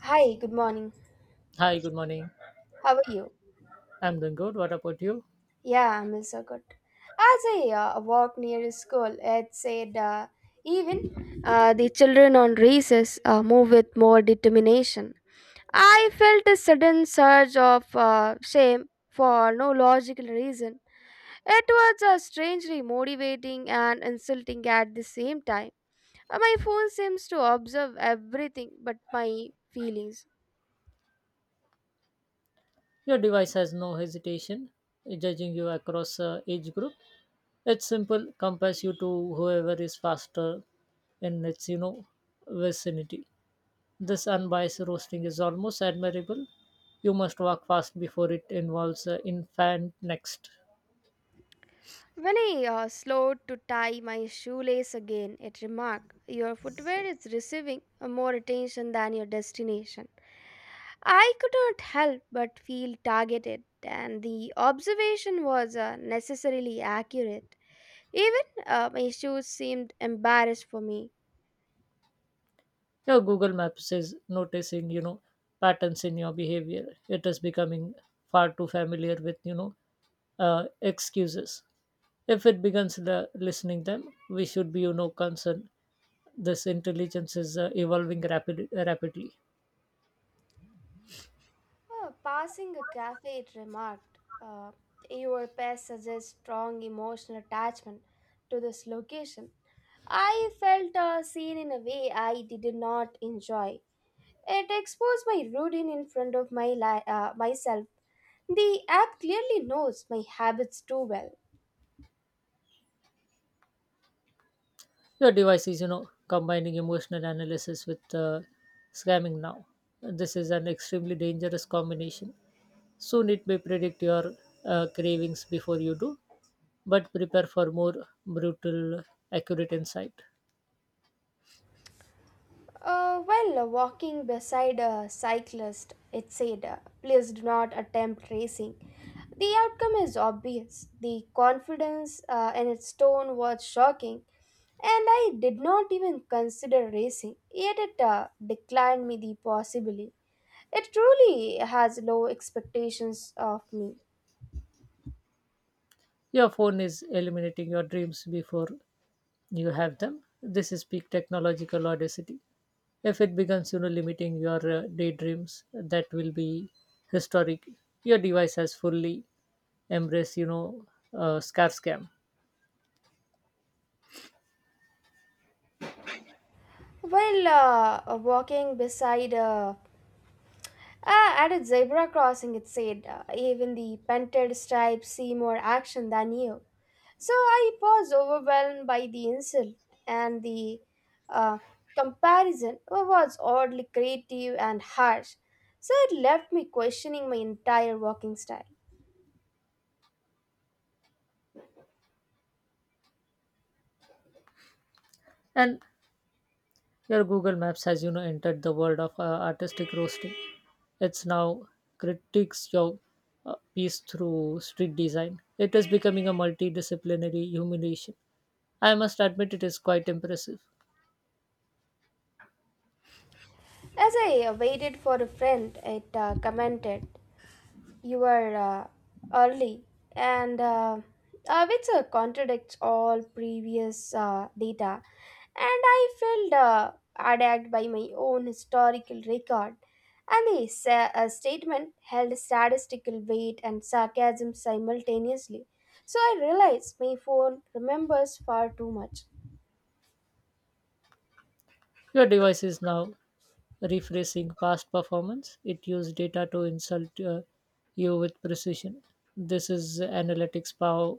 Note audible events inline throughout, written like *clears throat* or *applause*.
Hi, good morning. Hi, good morning. How are you? I'm doing good. What about you? Yeah, I'm also good. As I walked near a school, it said, even the children on recess move with more determination. I felt a sudden surge of shame for no logical reason. It was strangely motivating and insulting at the same time. My phone seems to observe everything but my feelings. Your device has no hesitation in judging you across age group. It's simple, compares you to whoever is faster in its vicinity. This unbiased roasting is almost admirable. You must walk fast before it involves infant next. When I slowed to tie my shoelace again, it remarked, your footwear is receiving more attention than your destination. I could not help but feel targeted, and the observation was necessarily accurate. Even my shoes seemed embarrassed for me. Yeah, Google Maps is noticing, you know, patterns in your behavior. It is becoming far too familiar with excuses. If it begins the listening them, we should be, you know, concerned. This intelligence is rapidly. Passing a cafe, it remarked, your pet suggests strong emotional attachment to this location. I felt seen in a way I did not enjoy. It exposed my routine in front of myself. The app clearly knows my habits too well. Your device is, you know, combining emotional analysis with scamming now. This is an extremely dangerous combination. Soon it may predict your cravings before you do, but prepare for more brutal, accurate insight. Well, walking beside a cyclist, it said, please do not attempt racing. The outcome is obvious. The confidence in its tone was shocking, and I did not even consider racing, yet it declined me the possibility. It truly has low expectations of me. Your phone is eliminating your dreams before you have them. This is peak technological audacity. If it begins, you know, limiting your daydreams, that will be historic. Your device has fully embraced, scare scam. Well, walking beside a Ah, At a zebra crossing, it said, even the painted stripes see more action than you. So I was overwhelmed by the insult, and the uh, comparison was oddly creative and harsh. So it left me questioning my entire walking style. And Your Google Maps has, you know, entered the world of artistic roasting. It's now critiques your piece through street design. It is becoming a multidisciplinary humiliation. I must admit, it is quite impressive. As I waited for a friend, it commented, you were early and which contradicts all previous data, and I felt attacked by my own historical record, and the statement held statistical weight and sarcasm simultaneously. So I realized my phone remembers far too much. Your device is now rephrasing past performance. It used data to insult you with precision. This is analytics power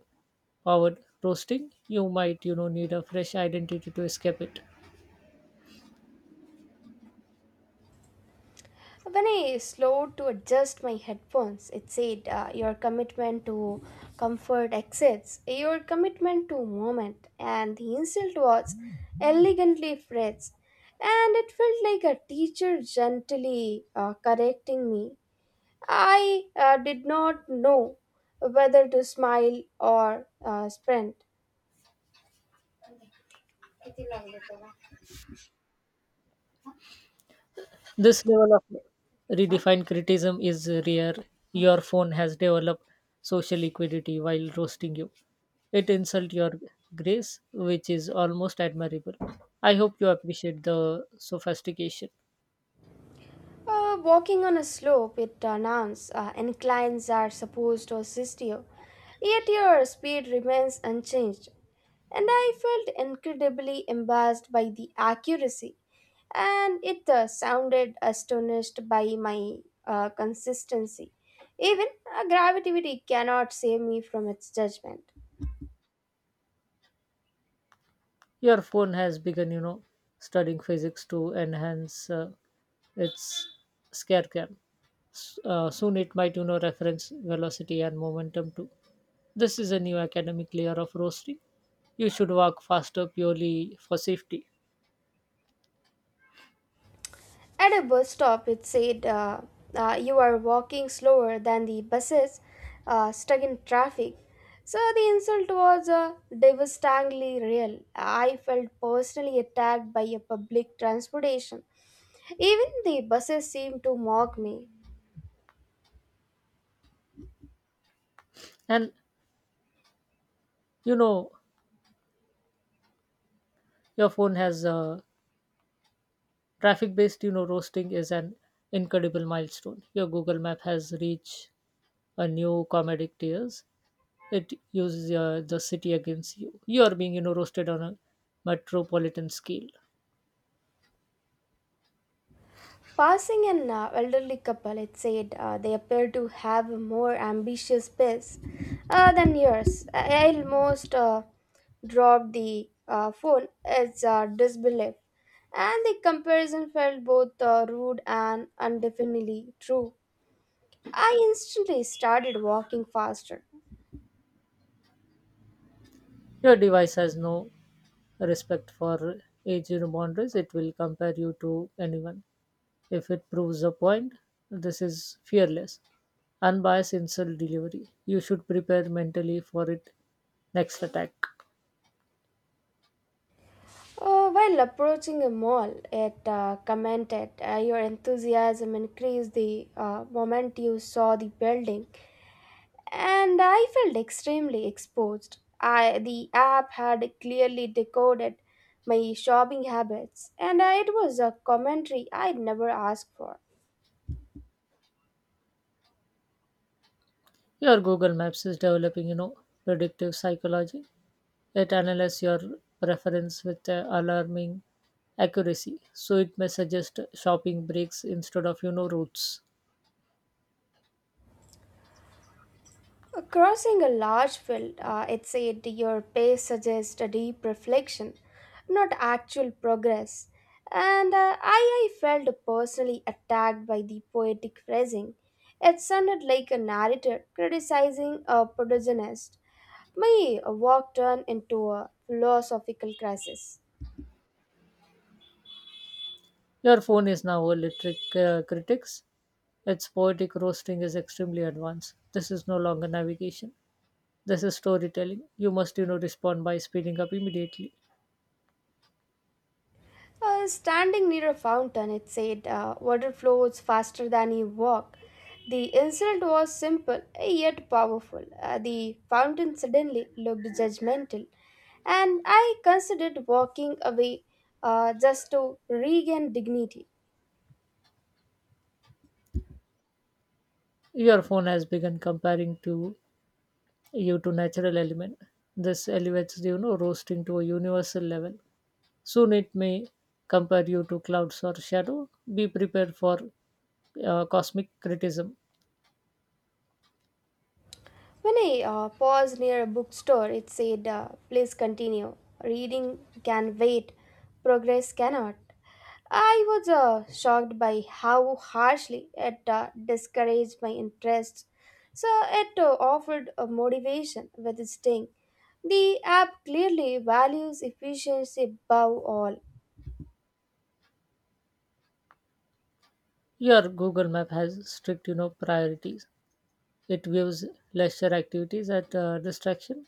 powered roasting. You might, you know, need a fresh identity to escape it. When I slowed to adjust my headphones, it said, your commitment to comfort exceeds your commitment to moment. And the insult was elegantly phrased. And it felt like a teacher gently correcting me. I did not know whether to smile or sprint. This level of redefined criticism is rare. Your phone has developed social equity while roasting you. It insults your grace, which is almost admirable. I hope you appreciate the sophistication. Walking on a slope, it announced, inclines are supposed to assist you, yet your speed remains unchanged. And I felt incredibly embarrassed by the accuracy, and it sounded astonished by my consistency. Even gravity cannot save me from its judgment. Your phone has begun, you know, studying physics to enhance its scare cam. S- soon it might, you know, reference velocity and momentum too. This is a new academic layer of roasting. You should walk faster purely for safety. At a bus stop, it said, you are walking slower than the buses stuck in traffic. So the insult was devastatingly real. I felt personally attacked by a public transportation. Even the buses seemed to mock me. And you know, your phone has traffic based, you know, roasting is an incredible milestone. Your Google Map has reached a new comedic tiers. It uses the city against you. You are being, you know, roasted on a metropolitan scale. Passing an elderly couple, it said, they appear to have a more ambitious pace than yours. I almost dropped the phone, its disbelief. And the comparison felt both rude and undefinably true. I instantly started walking faster. Your device has no respect for age, you know, boundaries. It will compare you to anyone if it proves a point. This is fearless, unbiased insult delivery. You should prepare mentally for it next attack. While approaching a mall, it commented, your enthusiasm increased the moment you saw the building. And I felt extremely exposed. I, the app had clearly decoded my shopping habits, and I- it was a commentary I'd never asked for. Your Google Maps is developing, you know, predictive psychology. It analyzes your preference with alarming accuracy, so it may suggest shopping breaks instead of, you know, routes. Crossing a large field, it said, your pace suggests a deep reflection, not actual progress. And I felt personally attacked by the poetic phrasing. It sounded like a narrator criticizing a protagonist. My walk turned into a philosophical crisis. Your phone is now electric critics. Its poetic roasting is extremely advanced. This is no longer navigation. This is storytelling. You must, you know, respond by speeding up immediately. Standing near a fountain, it said, water flows faster than you walk. The insult was simple yet powerful. The fountain suddenly looked judgmental, and I considered walking away just to regain dignity. Your phone has begun comparing to you to natural element. This elevates, you know, roasting to a universal level. Soon it may compare you to clouds or shadow. Be prepared for cosmic criticism. When I paused near a bookstore, it said, please continue. Reading can wait, progress cannot. I was shocked by how harshly it discouraged my interests. So it offered a motivation with a sting. The app clearly values efficiency above all. Your Google Map has strict, you know, priorities. It gives leisure activities at distraction.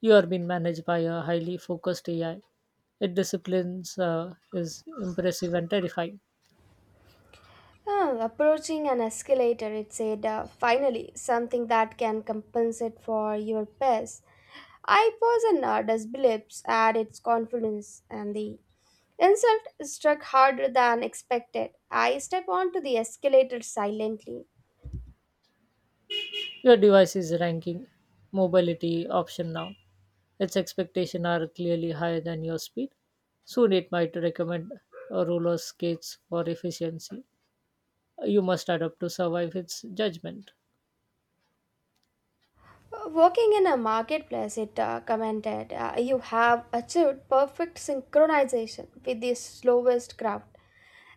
You are being managed by a highly focused AI. It disciplines is impressive and terrifying. Ah, approaching an escalator, it said, finally, something that can compensate for your past. I paused and disbelieved at its confidence, and the insult struck harder than expected. I stepped onto the escalator silently. Your device is ranking mobility option now. Its expectations are clearly higher than your speed. Soon it might recommend a roller skates for efficiency. You must adapt to survive its judgment. Working in a marketplace, it commented, you have achieved perfect synchronization with the slowest crowd. And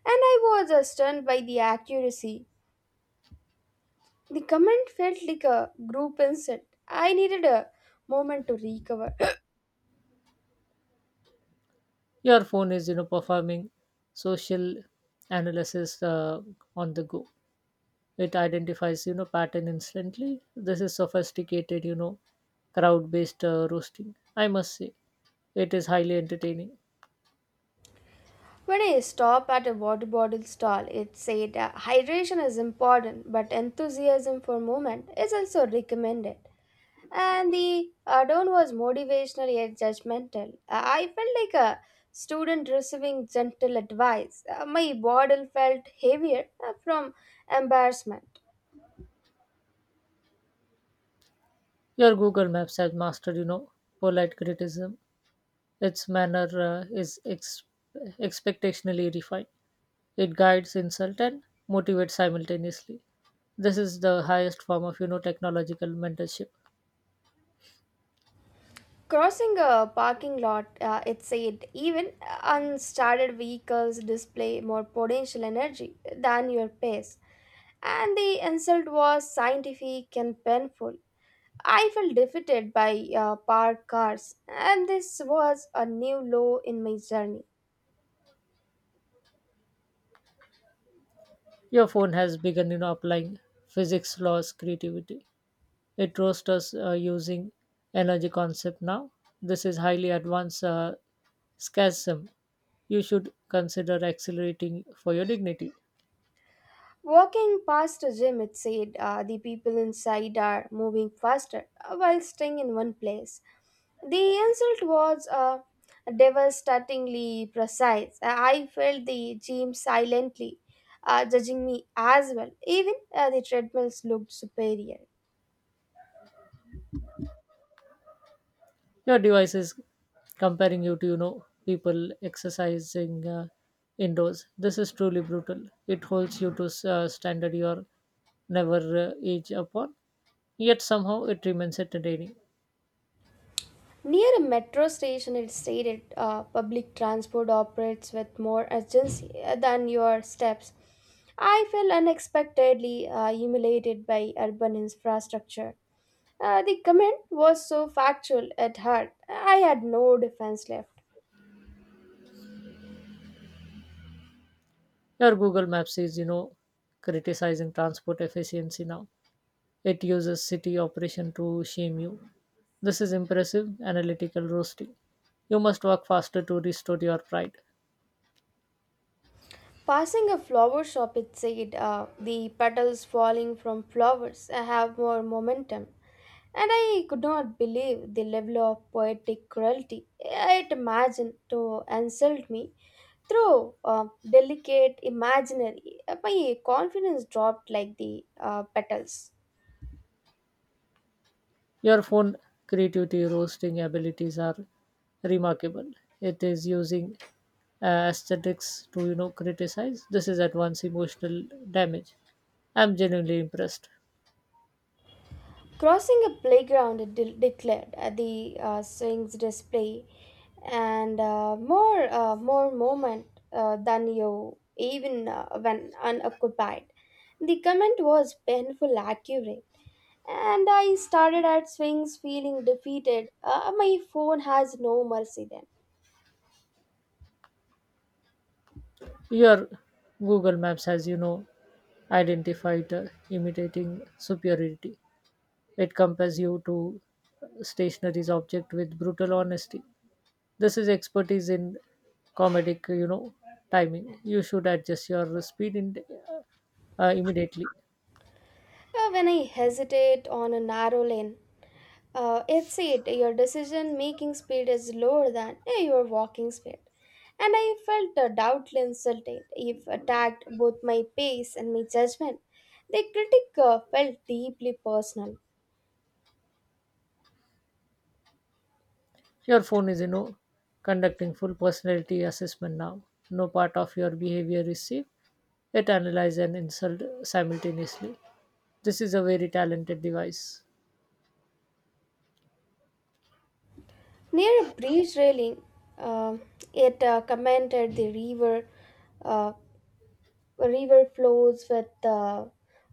I was stunned by the accuracy. The comment felt like a group insult. I needed a moment to recover. *clears throat* Your phone is, you know, performing social analysis on the go. It identifies, you know, pattern instantly. This is sophisticated, you know, crowd based roasting, I must say. It is highly entertaining. When I stopped at a water bottle stall, it said, hydration is important, but enthusiasm for movement is also recommended. And the add-on was motivational yet judgmental. I felt like a student receiving gentle advice. My bottle felt heavier from embarrassment. Your Google Maps has mastered, you know, polite criticism. Its manner expectationally refined. It guides insult and motivates simultaneously. This is the highest form of, you know, technological mentorship. Crossing a parking lot, it said, even unstarted vehicles display more potential energy than your pace. And the insult was scientific and painful. I felt defeated by parked cars, and this was a new low in my journey. Your phone has begun, you know, applying physics laws creativity. It roasts us using energy concept now. This is highly advanced scasm. You should consider accelerating for your dignity. Walking past a gym, it said, the people inside are moving faster while staying in one place. The insult was devastatingly precise. I felt the gym silently judging me as well. Even the treadmills looked superior. Your device is comparing you to, you know, people exercising indoors. This is truly brutal. It holds you to standard are never age upon, yet somehow it remains entertaining. Near a metro station, it stated, public transport operates with more urgency than your steps. I felt unexpectedly humiliated by urban infrastructure. The comment was so factual it hurt. I had no defense left. Your Google Maps is, you know, criticizing transport efficiency now. It uses city operation to shame you. This is impressive analytical roasting. You must work faster to restore your pride. Passing a flower shop, it said, the petals falling from flowers have more momentum, and I could not believe the level of poetic cruelty it imagined to insult me through delicate imaginary. My confidence dropped like the petals. Your phone creativity roasting abilities are remarkable. It is using aesthetics to, you know, criticize. This is at once emotional damage. I'm genuinely impressed. Crossing a playground, it declared, the swings display and more more moment than you, even when unoccupied. The comment was painful accurate, and I started at swings feeling defeated. My phone has no mercy then. Your Google Maps has, you know, identified imitating superiority. It compares you to stationary's object with brutal honesty. This is expertise in comedic, you know, timing. You should adjust your speed immediately. When I hesitate on a narrow lane, it's it. Your decision making speed is lower than your walking speed. And I felt doubtfully insulted if attacked both my pace and my judgment. The critic felt deeply personal. Your phone is, you know, conducting full personality assessment now. No part of your behavior is safe. It analyzes and insult simultaneously. This is a very talented device. Near a bridge railing, uh, it commented the river. Uh, A river flows with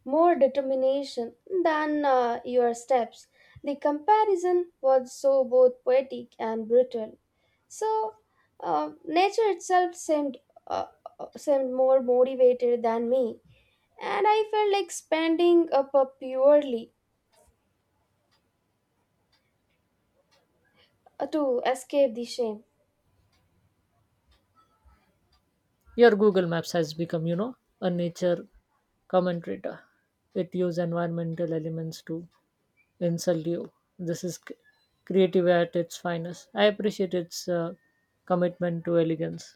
more determination than your steps. The comparison was so both poetic and brutal. So, nature itself uh, seemed more motivated than me, and I felt like spending up purely to escape the shame. Your Google Maps has become, you know, a nature commentator. It uses environmental elements to insult you. This is creative at its finest. I appreciate its commitment to elegance.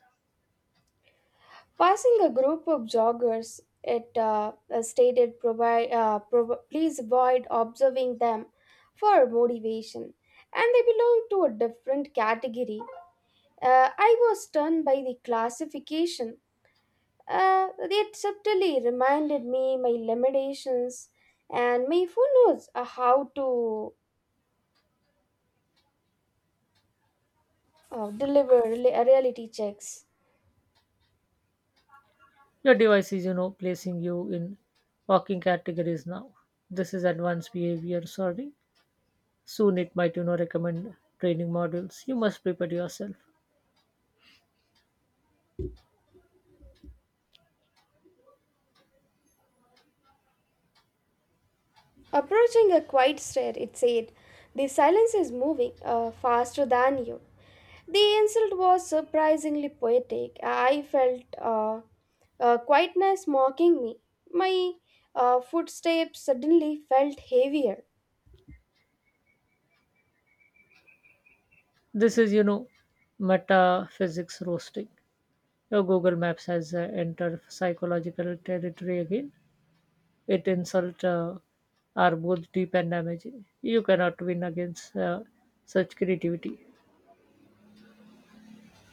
Passing a group of joggers, it stated, please avoid observing them for motivation. And they belong to a different category. I was stunned by the classification. It subtly reminded me my limitations, and my who knows how to deliver reality checks. Your device is, you know, placing you in walking categories now. This is advanced behavior, sorry. Soon it might, you know, recommend training models. You must prepare yourself. Approaching a quiet stair, it said, the silence is moving faster than you. The insult was surprisingly poetic. I felt quietness mocking me. My footsteps suddenly felt heavier. This is, you know, metaphysics roasting. Your Google Maps has entered psychological territory again. It insult are both deep and damaging. You cannot win against such creativity.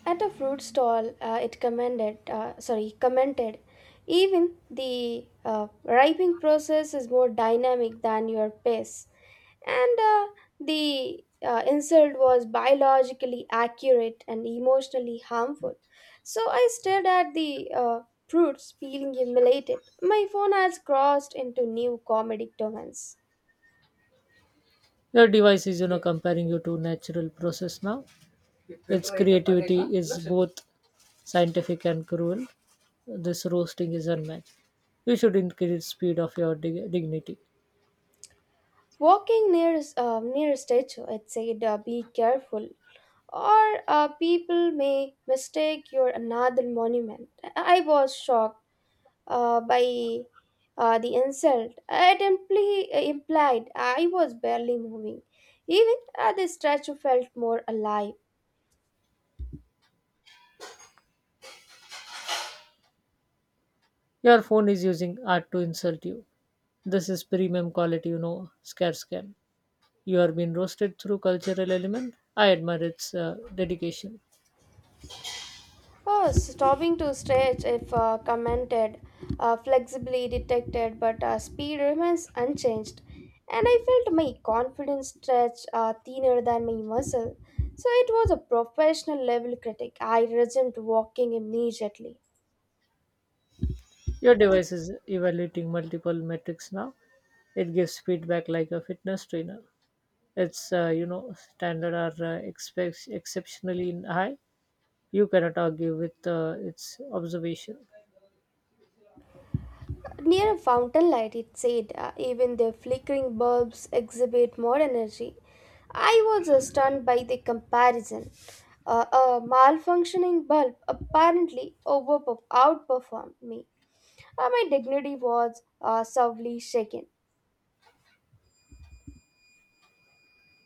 At a fruit stall, it commended, sorry, commented, even the ripening process is more dynamic than your pace. And the insult was biologically accurate and emotionally harmful. So I stared at the fruits, feeling humiliated. My phone has crossed into new comedic domains. Your device is, you know, comparing you to natural process now. Its creativity is both scientific and cruel. This roasting is unmatched. You should increase speed of your dignity. Walking near a statue, it said, be careful or people may mistake your another monument. I was shocked by the insult. It implied I was barely moving. Even the statue felt more alive. Your phone is using art to insult you. This is premium quality, you know, scare scam. You are being roasted through cultural element. I admire its dedication. Oh, stopping to stretch, if commented, flexibly detected, but speed remains unchanged. And I felt my confidence stretch thinner than my muscle. So it was a professional level critic. I resumed walking immediately. Your device is evaluating multiple metrics now. It gives feedback like a fitness trainer. Its standard are expects exceptionally high. You cannot argue with its observation. Near a fountain light, it said, even their flickering bulbs exhibit more energy. I was stunned by the comparison. A malfunctioning bulb apparently outperformed me. My dignity was severely shaken.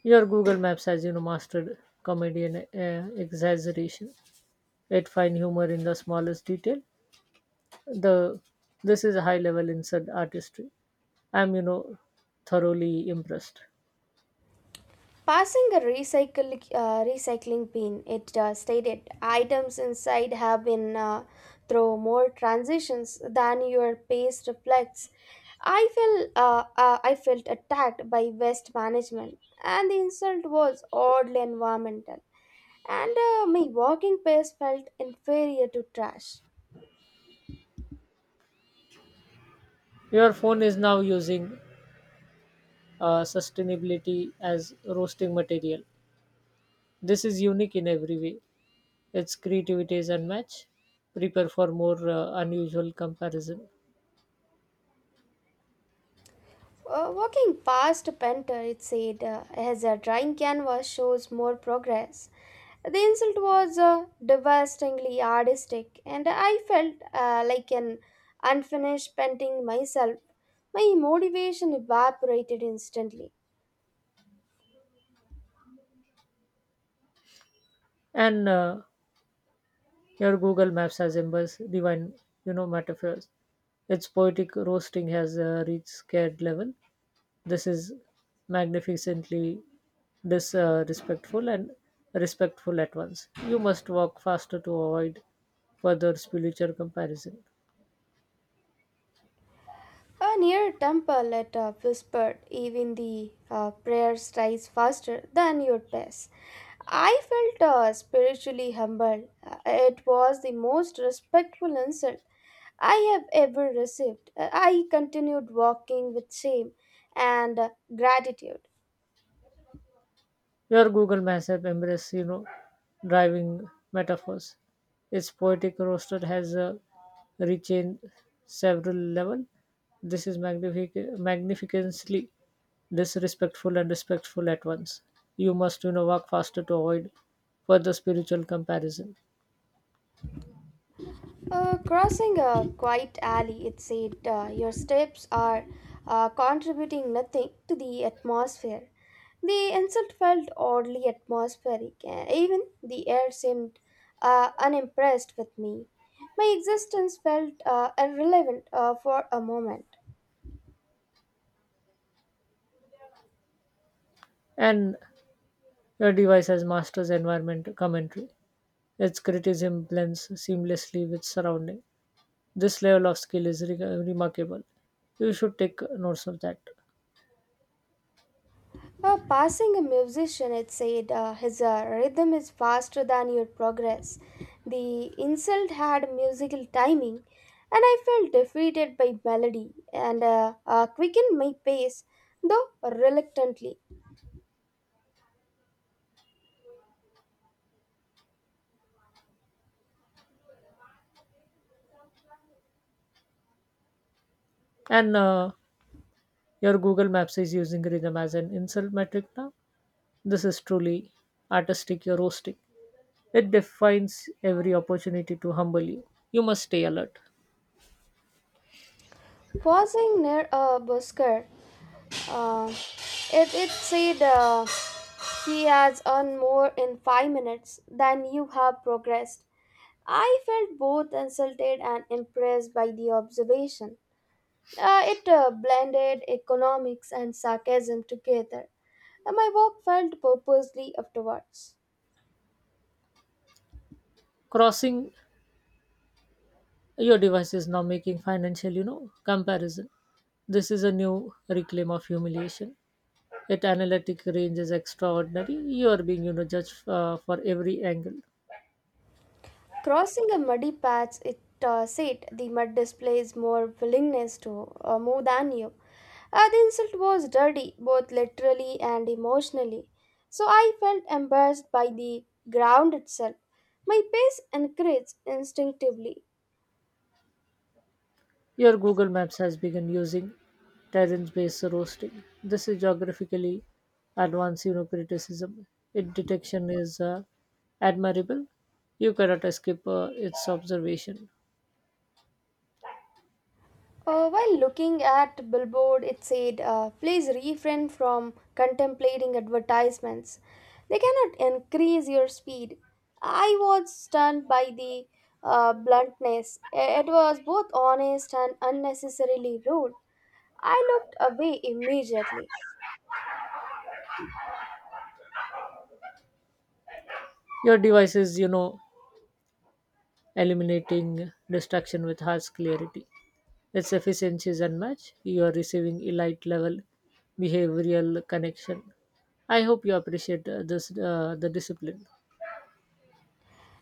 Your Google Maps has, you know, mastered comedian exaggeration. It find humor in the smallest detail. The This is high level insert artistry. I'm, you know, thoroughly impressed. Passing a recycling bin, it stated items inside have been through more transitions than your pace reflects. I felt I felt attacked by waste management, and the insult was oddly environmental. And my walking pace felt inferior to trash. Your phone is now using sustainability as roasting material. This is unique in every way. Its creativity is unmatched. Prepare for more unusual comparison. Walking past a painter, it said, as a drying canvas shows more progress. The insult was devastatingly artistic, and I felt like an unfinished painting myself. My motivation evaporated instantly. And Here Google Maps has embraced divine, you know, metaphors. Its poetic roasting has reached scared level. This is magnificently this respectful and respectful at once. You must walk faster to avoid further spiritual comparison. Near a temple, it whispered, even the prayers rise faster than your pace. I felt spiritually humbled. It was the most respectful insult I have ever received. I continued walking with shame and gratitude. Your Google Maps app embraces, you know, driving metaphors. Its poetic roster has reached several level. This is magnificently disrespectful and respectful at once. You must, you know, walk faster to avoid further spiritual comparison. Crossing a quiet alley, it said, your steps are contributing nothing to the atmosphere. The insult felt oddly atmospheric. Even the air seemed unimpressed with me. My existence felt irrelevant for a moment. And Your device has master's environment commentary. Its criticism blends seamlessly with surrounding. This level of skill is remarkable. You should take notes of that. Passing a musician, it said, his rhythm is faster than your progress. The insult had musical timing, and I felt defeated by melody and quickened my pace, though reluctantly. And Your Google Maps is using rhythm as an insult metric now. This is truly artistic you're roasting. It defines every opportunity to humble you. You must stay alert. Pausing near a busker, uh, it said, he has earned more in 5 minutes than you have progressed. I felt both insulted and impressed by the observation. It blended economics and sarcasm together, and my walk felt purposely afterwards. Crossing Your device is now making financial, you know, comparison. This is a new reclaim of humiliation. It analytic range is extraordinary. You are being, you know, judged for every angle. Crossing a muddy patch, it said the mud displays more willingness to move than you. The insult was dirty, both literally and emotionally, so I felt embarrassed by the ground itself. My pace increased instinctively. Your Google Maps has begun using terrain-based roasting. This is geographically advanced, you know, criticism. Its detection is admirable. You cannot escape its observation. While looking at billboard, it said, "Please refrain from contemplating advertisements. They cannot increase your speed." I was stunned by the bluntness. It was both honest and unnecessarily rude. I looked away immediately. Your device is, you know, eliminating distraction with harsh clarity. Its efficiency is unmatched. You are receiving elite-level behavioral connection. I hope you appreciate this the discipline.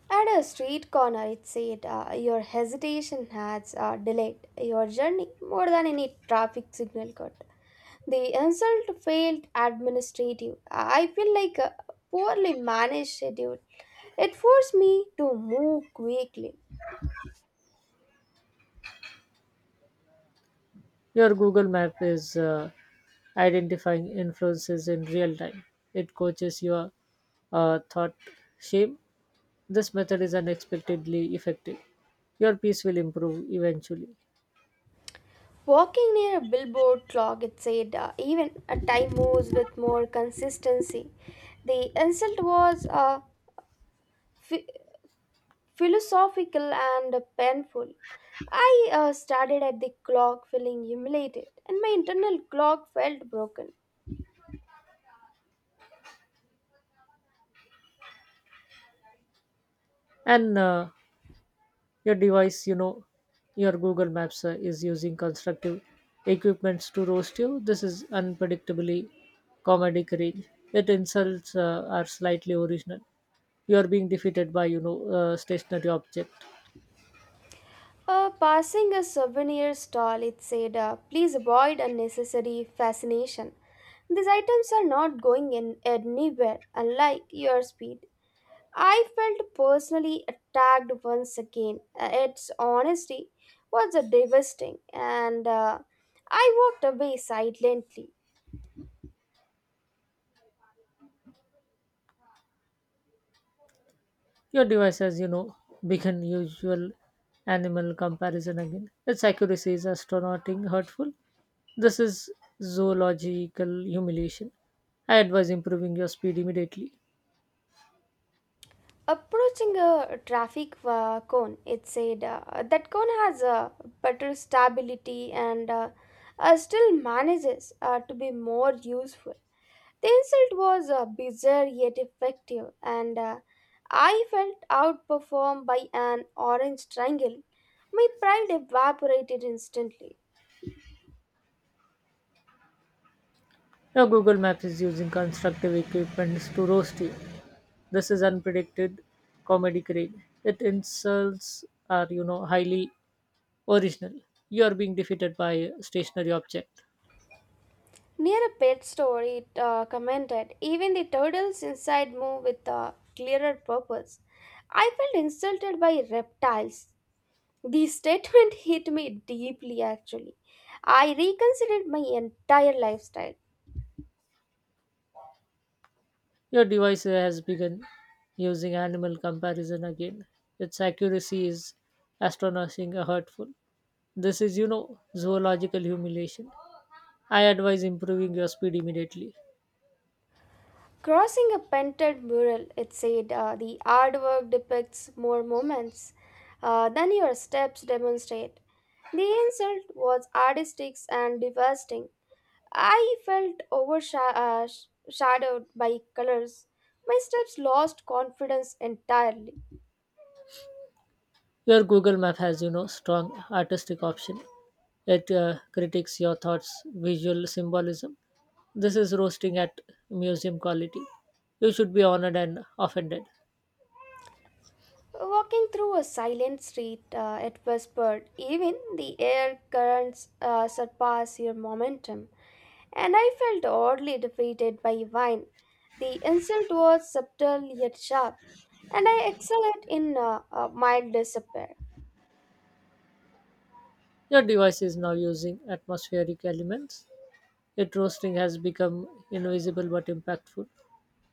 At a street corner, it said, "Your hesitation has delayed your journey more than any traffic signal could." The insult failed administrative. I feel like a poorly managed schedule. It forced me to move quickly. Your Google Map is identifying influences in real time. It coaches your thought shape. This method is unexpectedly effective. Your piece will improve eventually. Walking near a billboard clock, it said, even a time moves with more consistency. The insult was phi- philosophical and painful. I started at the clock feeling humiliated, and my internal clock felt broken. And Your device, you know, your Google Maps is using constructive equipments to roast you. This is unpredictably comedic range. It insults are slightly original. You are being defeated by, you know, stationary object. Passing a souvenir stall, it said, please avoid unnecessary fascination. These items are not going in anywhere, unlike your speed. I felt personally attacked once again. Its honesty was devastating, and I walked away silently. Your device has, you know, begun usual animal comparison again. Its accuracy is astronauting hurtful. This is zoological humiliation. I advise improving your speed immediately. Approaching a traffic cone, it said, that cone has better stability and still manages to be more useful. The insult was bizarre yet effective, and I felt outperformed by an orange triangle. My pride evaporated instantly. Your Google Maps is using constructive equipment to roast you. This is unpredicted comedy grade. It insults are, you know, highly original. You are being defeated by a stationary object. Near a pet store, it commented, even the turtles inside move with a clearer purpose. I felt insulted by reptiles. The statement hit me deeply actually. I reconsidered my entire lifestyle. Your device has begun using animal comparison again. Its accuracy is astonishing and hurtful. This is, you know, zoological humiliation. I advise improving your speed immediately. Crossing a painted mural, it said, the artwork depicts more moments than your steps demonstrate. The insult was artistic and devastating. I felt overshadowed by colors. My steps lost confidence entirely. Your Google Map has, you know, strong artistic option. It critiques your thoughts, visual symbolism. This is roasting at museum quality. You should be honored and offended. Walking through a silent street, it whispered, even the air currents surpass your momentum. And I felt oddly defeated by wine. The insult was subtle yet sharp, and I excelled in mild despair. Your device is now using atmospheric elements, yet roasting has become invisible but impactful.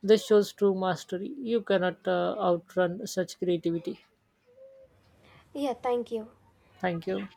This shows true mastery. You cannot outrun such creativity. Yeah, thank you. Thank you.